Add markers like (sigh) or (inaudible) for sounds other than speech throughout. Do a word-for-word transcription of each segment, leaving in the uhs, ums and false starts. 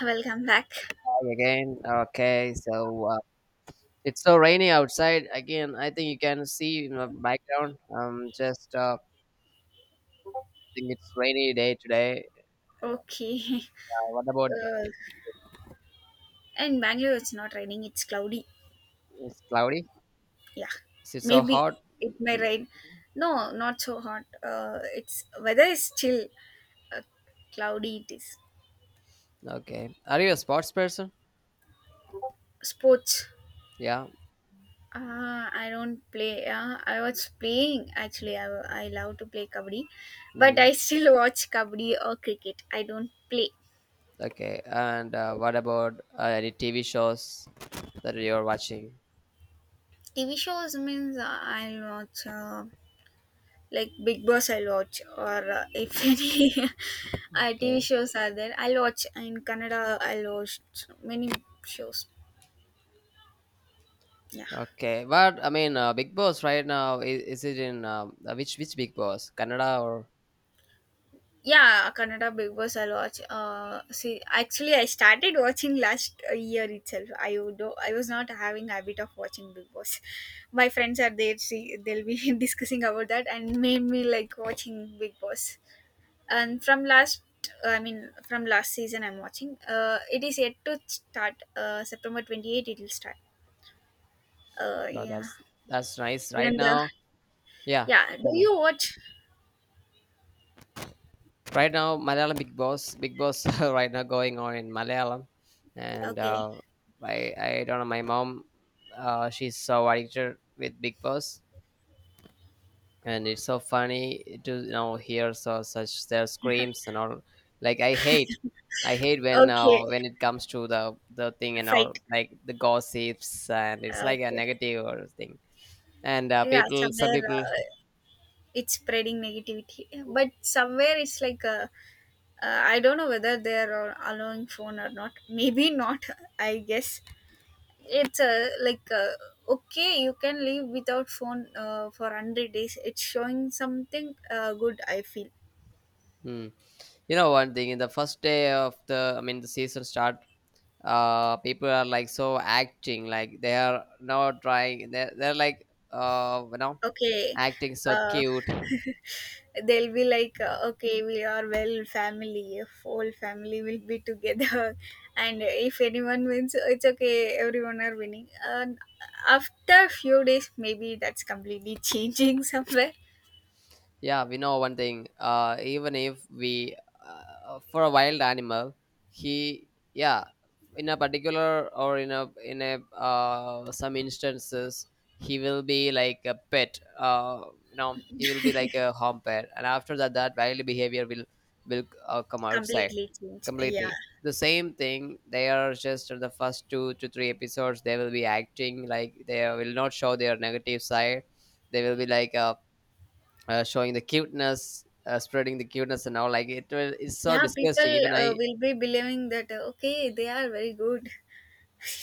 Welcome back. Hi again. Okay, so uh, it's so rainy outside again. I think you can see in the background. Um, just uh, think it's rainy day today. Okay. Uh, what about Uh, in Bangalore, it's not raining, it's cloudy. it's cloudy? Yeah. Is it so Maybe hot? it may Mm. rain. No, not so hot. Uh, it's weather is chill. Uh, cloudy it is. Okay. Are you a sports person? Sports. Yeah. Uh, I don't play. Uh, I was playing actually. I, I love to play kabaddi, but Mm-hmm. I still watch kabaddi or cricket. I don't play. Okay. And uh, what about uh, any T V shows that you're watching? T V shows. Means uh, I'll watch uh, like Big Boss I'll watch, or uh, if (laughs) any uh, TV Okay. shows are there, I'll watch. In Canada I'll watch many shows. Yeah. Okay. But I mean, uh, Big Boss right now is, is it in um, uh, which which Big Boss? Canada or? Yeah, Canada Big Boss I'll watch. uh see, actually I started watching last uh, year itself. i would I was not having habit of watching Big Boss. My friends are there, see, they'll be (laughs) discussing about that and made me like watching Big Boss. And from last, I mean, from last season I'm watching. uh it is yet to start. Uh september twenty-eighth it will start. uh No, yeah. that's that's nice even right the now. Yeah, yeah, do tell me. you watch? Right now, Malayalam Big Boss, Big Boss, (laughs) right now going on in Malayalam, and Okay. uh, I I don't know. My mom, uh, she's so addicted with Big Boss, and it's so funny to you know hear so such their screams and all. Like I hate, I hate when Okay. uh, when it comes to the the thing and all, Fight. like the gossips, and it's like a Okay. negative or thing. And uh, Yeah. people, some Somewhere people. uh, it's spreading negativity, but somewhere it's like uh, uh, I don't know whether they're allowing phone or not. Maybe not. (laughs) I guess it's uh, like uh, okay, you can live without phone uh, for one hundred days. It's showing something uh, good, I feel. Hmm. You know one thing, in the first day of the, I mean, the season start, uh people are like so acting like they are not trying, they're, they're like, uh you know Okay. acting so uh, cute. (laughs) they'll be like uh, okay, we are well family, whole family will be together. (laughs) And if anyone wins it's okay, everyone are winning. And after few days, maybe that's completely (laughs) changing somewhere Yeah, we know one thing. Uh, even if we, uh, for a wild animal, he, yeah, in a particular, or in a, in a uh, some instances, he will be like a pet. Uh, you know, he will be like a home pet, and after that, that wild behavior will will uh, come outside completely change. Yeah. completely. The same thing. They are just in the first two to three episodes. They will be acting like they will not show their negative side. They will be like uh uh, showing the cuteness, uh, spreading the cuteness and all. Like it was, it's so Yeah, disgusting. people Even uh, I, will be believing that uh, okay, they are very good.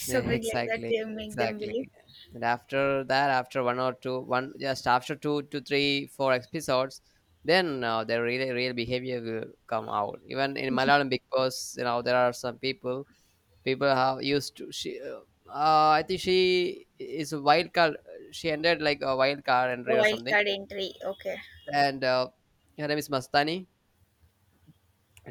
(laughs) Something like that, exactly, they make them exactly. believe. And after that, after one or two, one just after two to three, four episodes, then uh, the real real behavior will come out. Even in Malayalam Big Boss, you know, there are some people. People have used to she. Uh, uh, I think she is a wild card. She ended like a wild card entry A or wild something. card entry. Okay. And uh, her name is Mastani.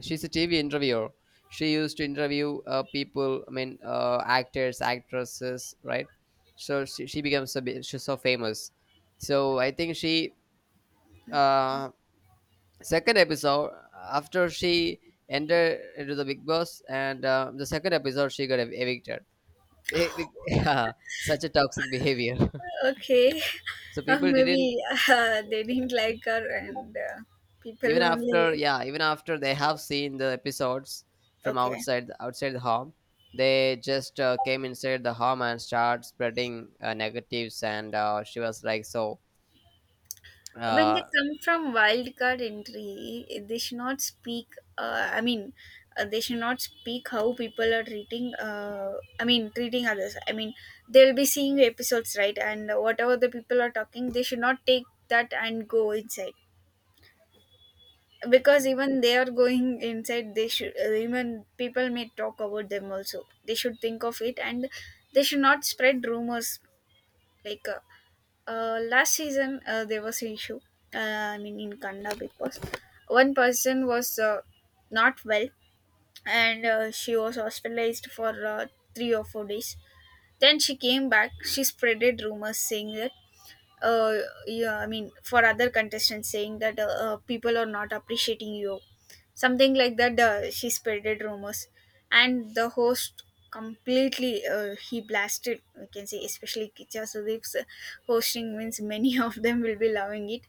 She's a T V interviewer. She used to interview uh, people. I mean, uh, actors, actresses, right? So she, she becomes a bit, she's so famous. So I think she, uh, second episode after she entered into the Big Boss, and uh, the second episode she got ev- evicted. Eh, be- (laughs) Yeah, such a toxic behavior. (laughs) Okay. So (laughs) uh, people maybe didn't, uh, they didn't like her, and uh, people even after, only. yeah, even after they have seen the episodes from Okay, outside, the- outside the home, they just uh, came inside the home and start spreading uh, negatives, and uh, she was like so, when they uh, come from wild card entry, they should not speak. uh, I mean, uh, they should not speak how people are treating, uh, I mean, treating others. I mean, they'll be seeing episodes, right? And whatever the people are talking, they should not take that and go inside. Because even they are going inside, they should, uh, even people may talk about them also, they should think of it. And they should not spread rumors. Like uh, uh, last season uh, there was an issue. uh, I mean, in Kannada. Because one person was uh, not well. And uh, she was hospitalized for uh, three or four days. Then she came back, she spreaded rumors saying that, uh, yeah, I mean, for other contestants, saying that uh, uh, people are not appreciating you, something like that. the, she spreaded rumors. And the host completely, uh, he blasted, we can say. Especially Kicha Sudeep's hosting, means many (laughs) of them will be loving it.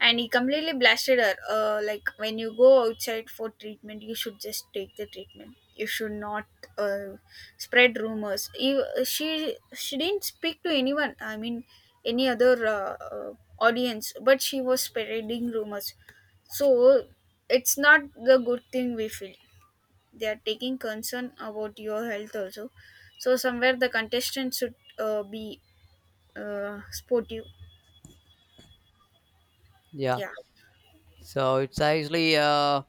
And he completely blasted her, uh, like, when you go outside for treatment you should just take the treatment, you should not uh, spread rumors. you, she she didn't speak to anyone, I mean, any other uh, uh, audience, but she was spreading rumors. So it's not the good thing, we feel. They are taking concern about your health also. So somewhere the contestant should uh, be uh, sportive. yeah. Yeah. So it's actually, uh,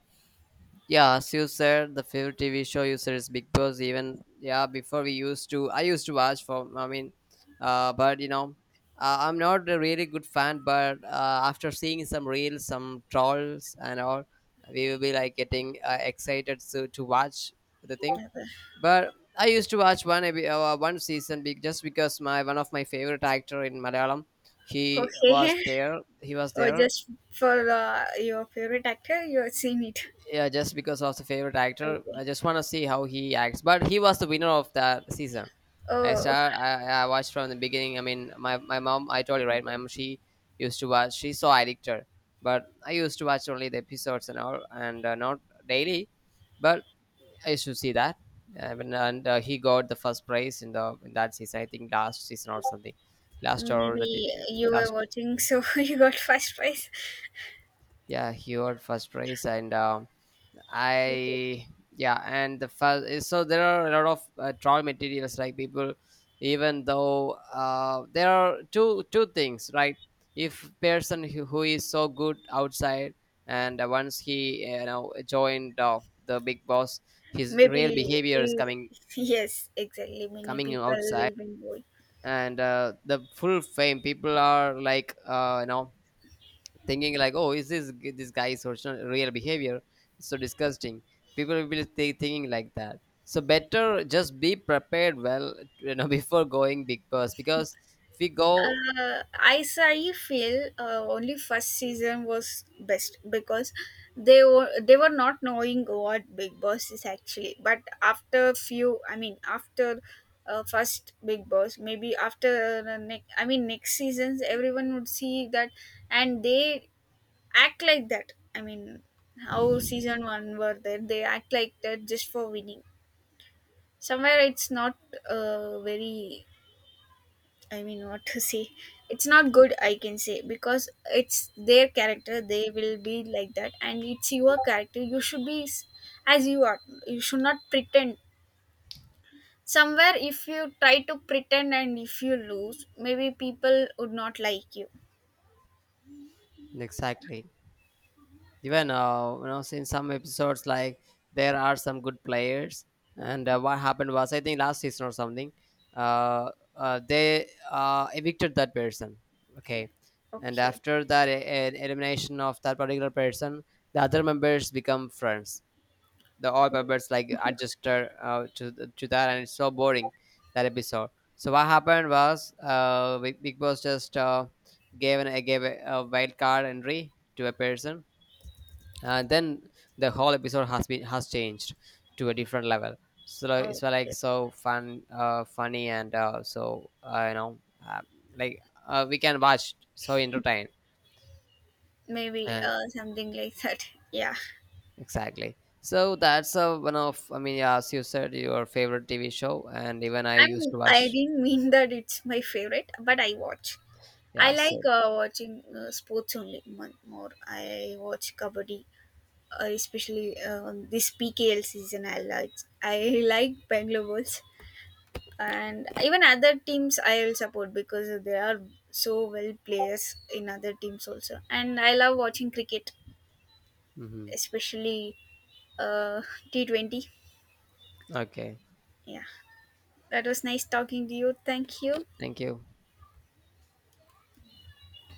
yeah, as you said, the favorite TV show you said is Big Boss. Even, yeah, before we used to, i used to watch for, I mean, uh but you know uh, i'm not a really good fan, but uh, after seeing some reels, some trolls and all, we will be like getting uh, excited to, to watch the thing. But I used to watch one epi- uh, one season, be- just because my, one of my favorite actor in Malayalam, he was Okay. there. He was (laughs) Or there, just for uh, your favorite actor, you have seen it. yeah, just because of the favorite actor. I Okay. just want to see how he acts. But he was the winner of that season. I Oh, start. I, I watched from the beginning. I mean, my, my mom. I told you, right? My mom. She used to watch. She saw Addictor, but I used to watch only the episodes and all, and uh, not daily. But I used to see that. I mean, and uh, he got the first prize in the in that season. I think last season or something. Last or the maybe uh, you were last watching, so (laughs) you got first prize. Yeah, he won first prize. And um, I yeah, and the first. So there are a lot of uh, troll materials, like people. Even though uh, there are two two things, right? If person who, who is so good outside, and uh, once he you know joined, uh, the Big Boss, his real Maybe, behavior is uh, coming yes, exactly. Many coming people outside. will win. And uh, the full fame people are like, uh, you know thinking like, "Oh, is this this guy's original real behavior?" It's so disgusting. People will be thinking like that. So better just be prepared well, you know, (laughs) before going big first, because if we go. uh, as I feel, uh, only first season was best. Because they were they were not knowing what Big Boss is actually. But after few, I mean, after uh, first Big Boss, maybe after the next, I mean, next seasons, everyone would see that, and they act like that. I mean, how season one were there, they act like that just for winning. Somewhere it's not uh, very, I mean, what to say? It's not good, I can say. Because it's their character, they will be like that. And it's your character, you should be s- as you are. You should not pretend. Somewhere, if you try to pretend and if you lose, maybe people would not like you. Exactly. Even, uh, you know in some episodes, like there are some good players. And uh, what happened was, I think, last season or something. uh, uh, they uh, evicted that person. Okay. And Okay, after that e- e- elimination of that particular person, the other members become friends. The all members, like, adjusted, uh, to, to that, and it's so boring, that episode. So what happened was, uh, big big boss just, uh, gave an uh, gave a, a wild card entry to a person. Uh, then the whole episode has been has changed to a different level. So like- it's like okay, so fun, uh, funny, and uh, so, uh, you know uh, like, uh, we can watch, so entertained. maybe uh, uh, something like that. (laughs) Yeah, exactly. So that's, uh, one of, I mean, yeah, as you said, your favorite TV show. And even I I'm. used to I watch. didn't mean that it's my favorite, but I watch. I Yeah, like same. uh, watching uh, sports only mon- more. I watch kabaddi, uh, especially uh, on this P K L season. I like I like Bangalore Bulls. And even other teams I will support, because there are so well players in other teams also. And I love watching cricket, Hmm. especially uh, T Twenty. Okay. Yeah, that was nice talking to you. Thank you. Thank you.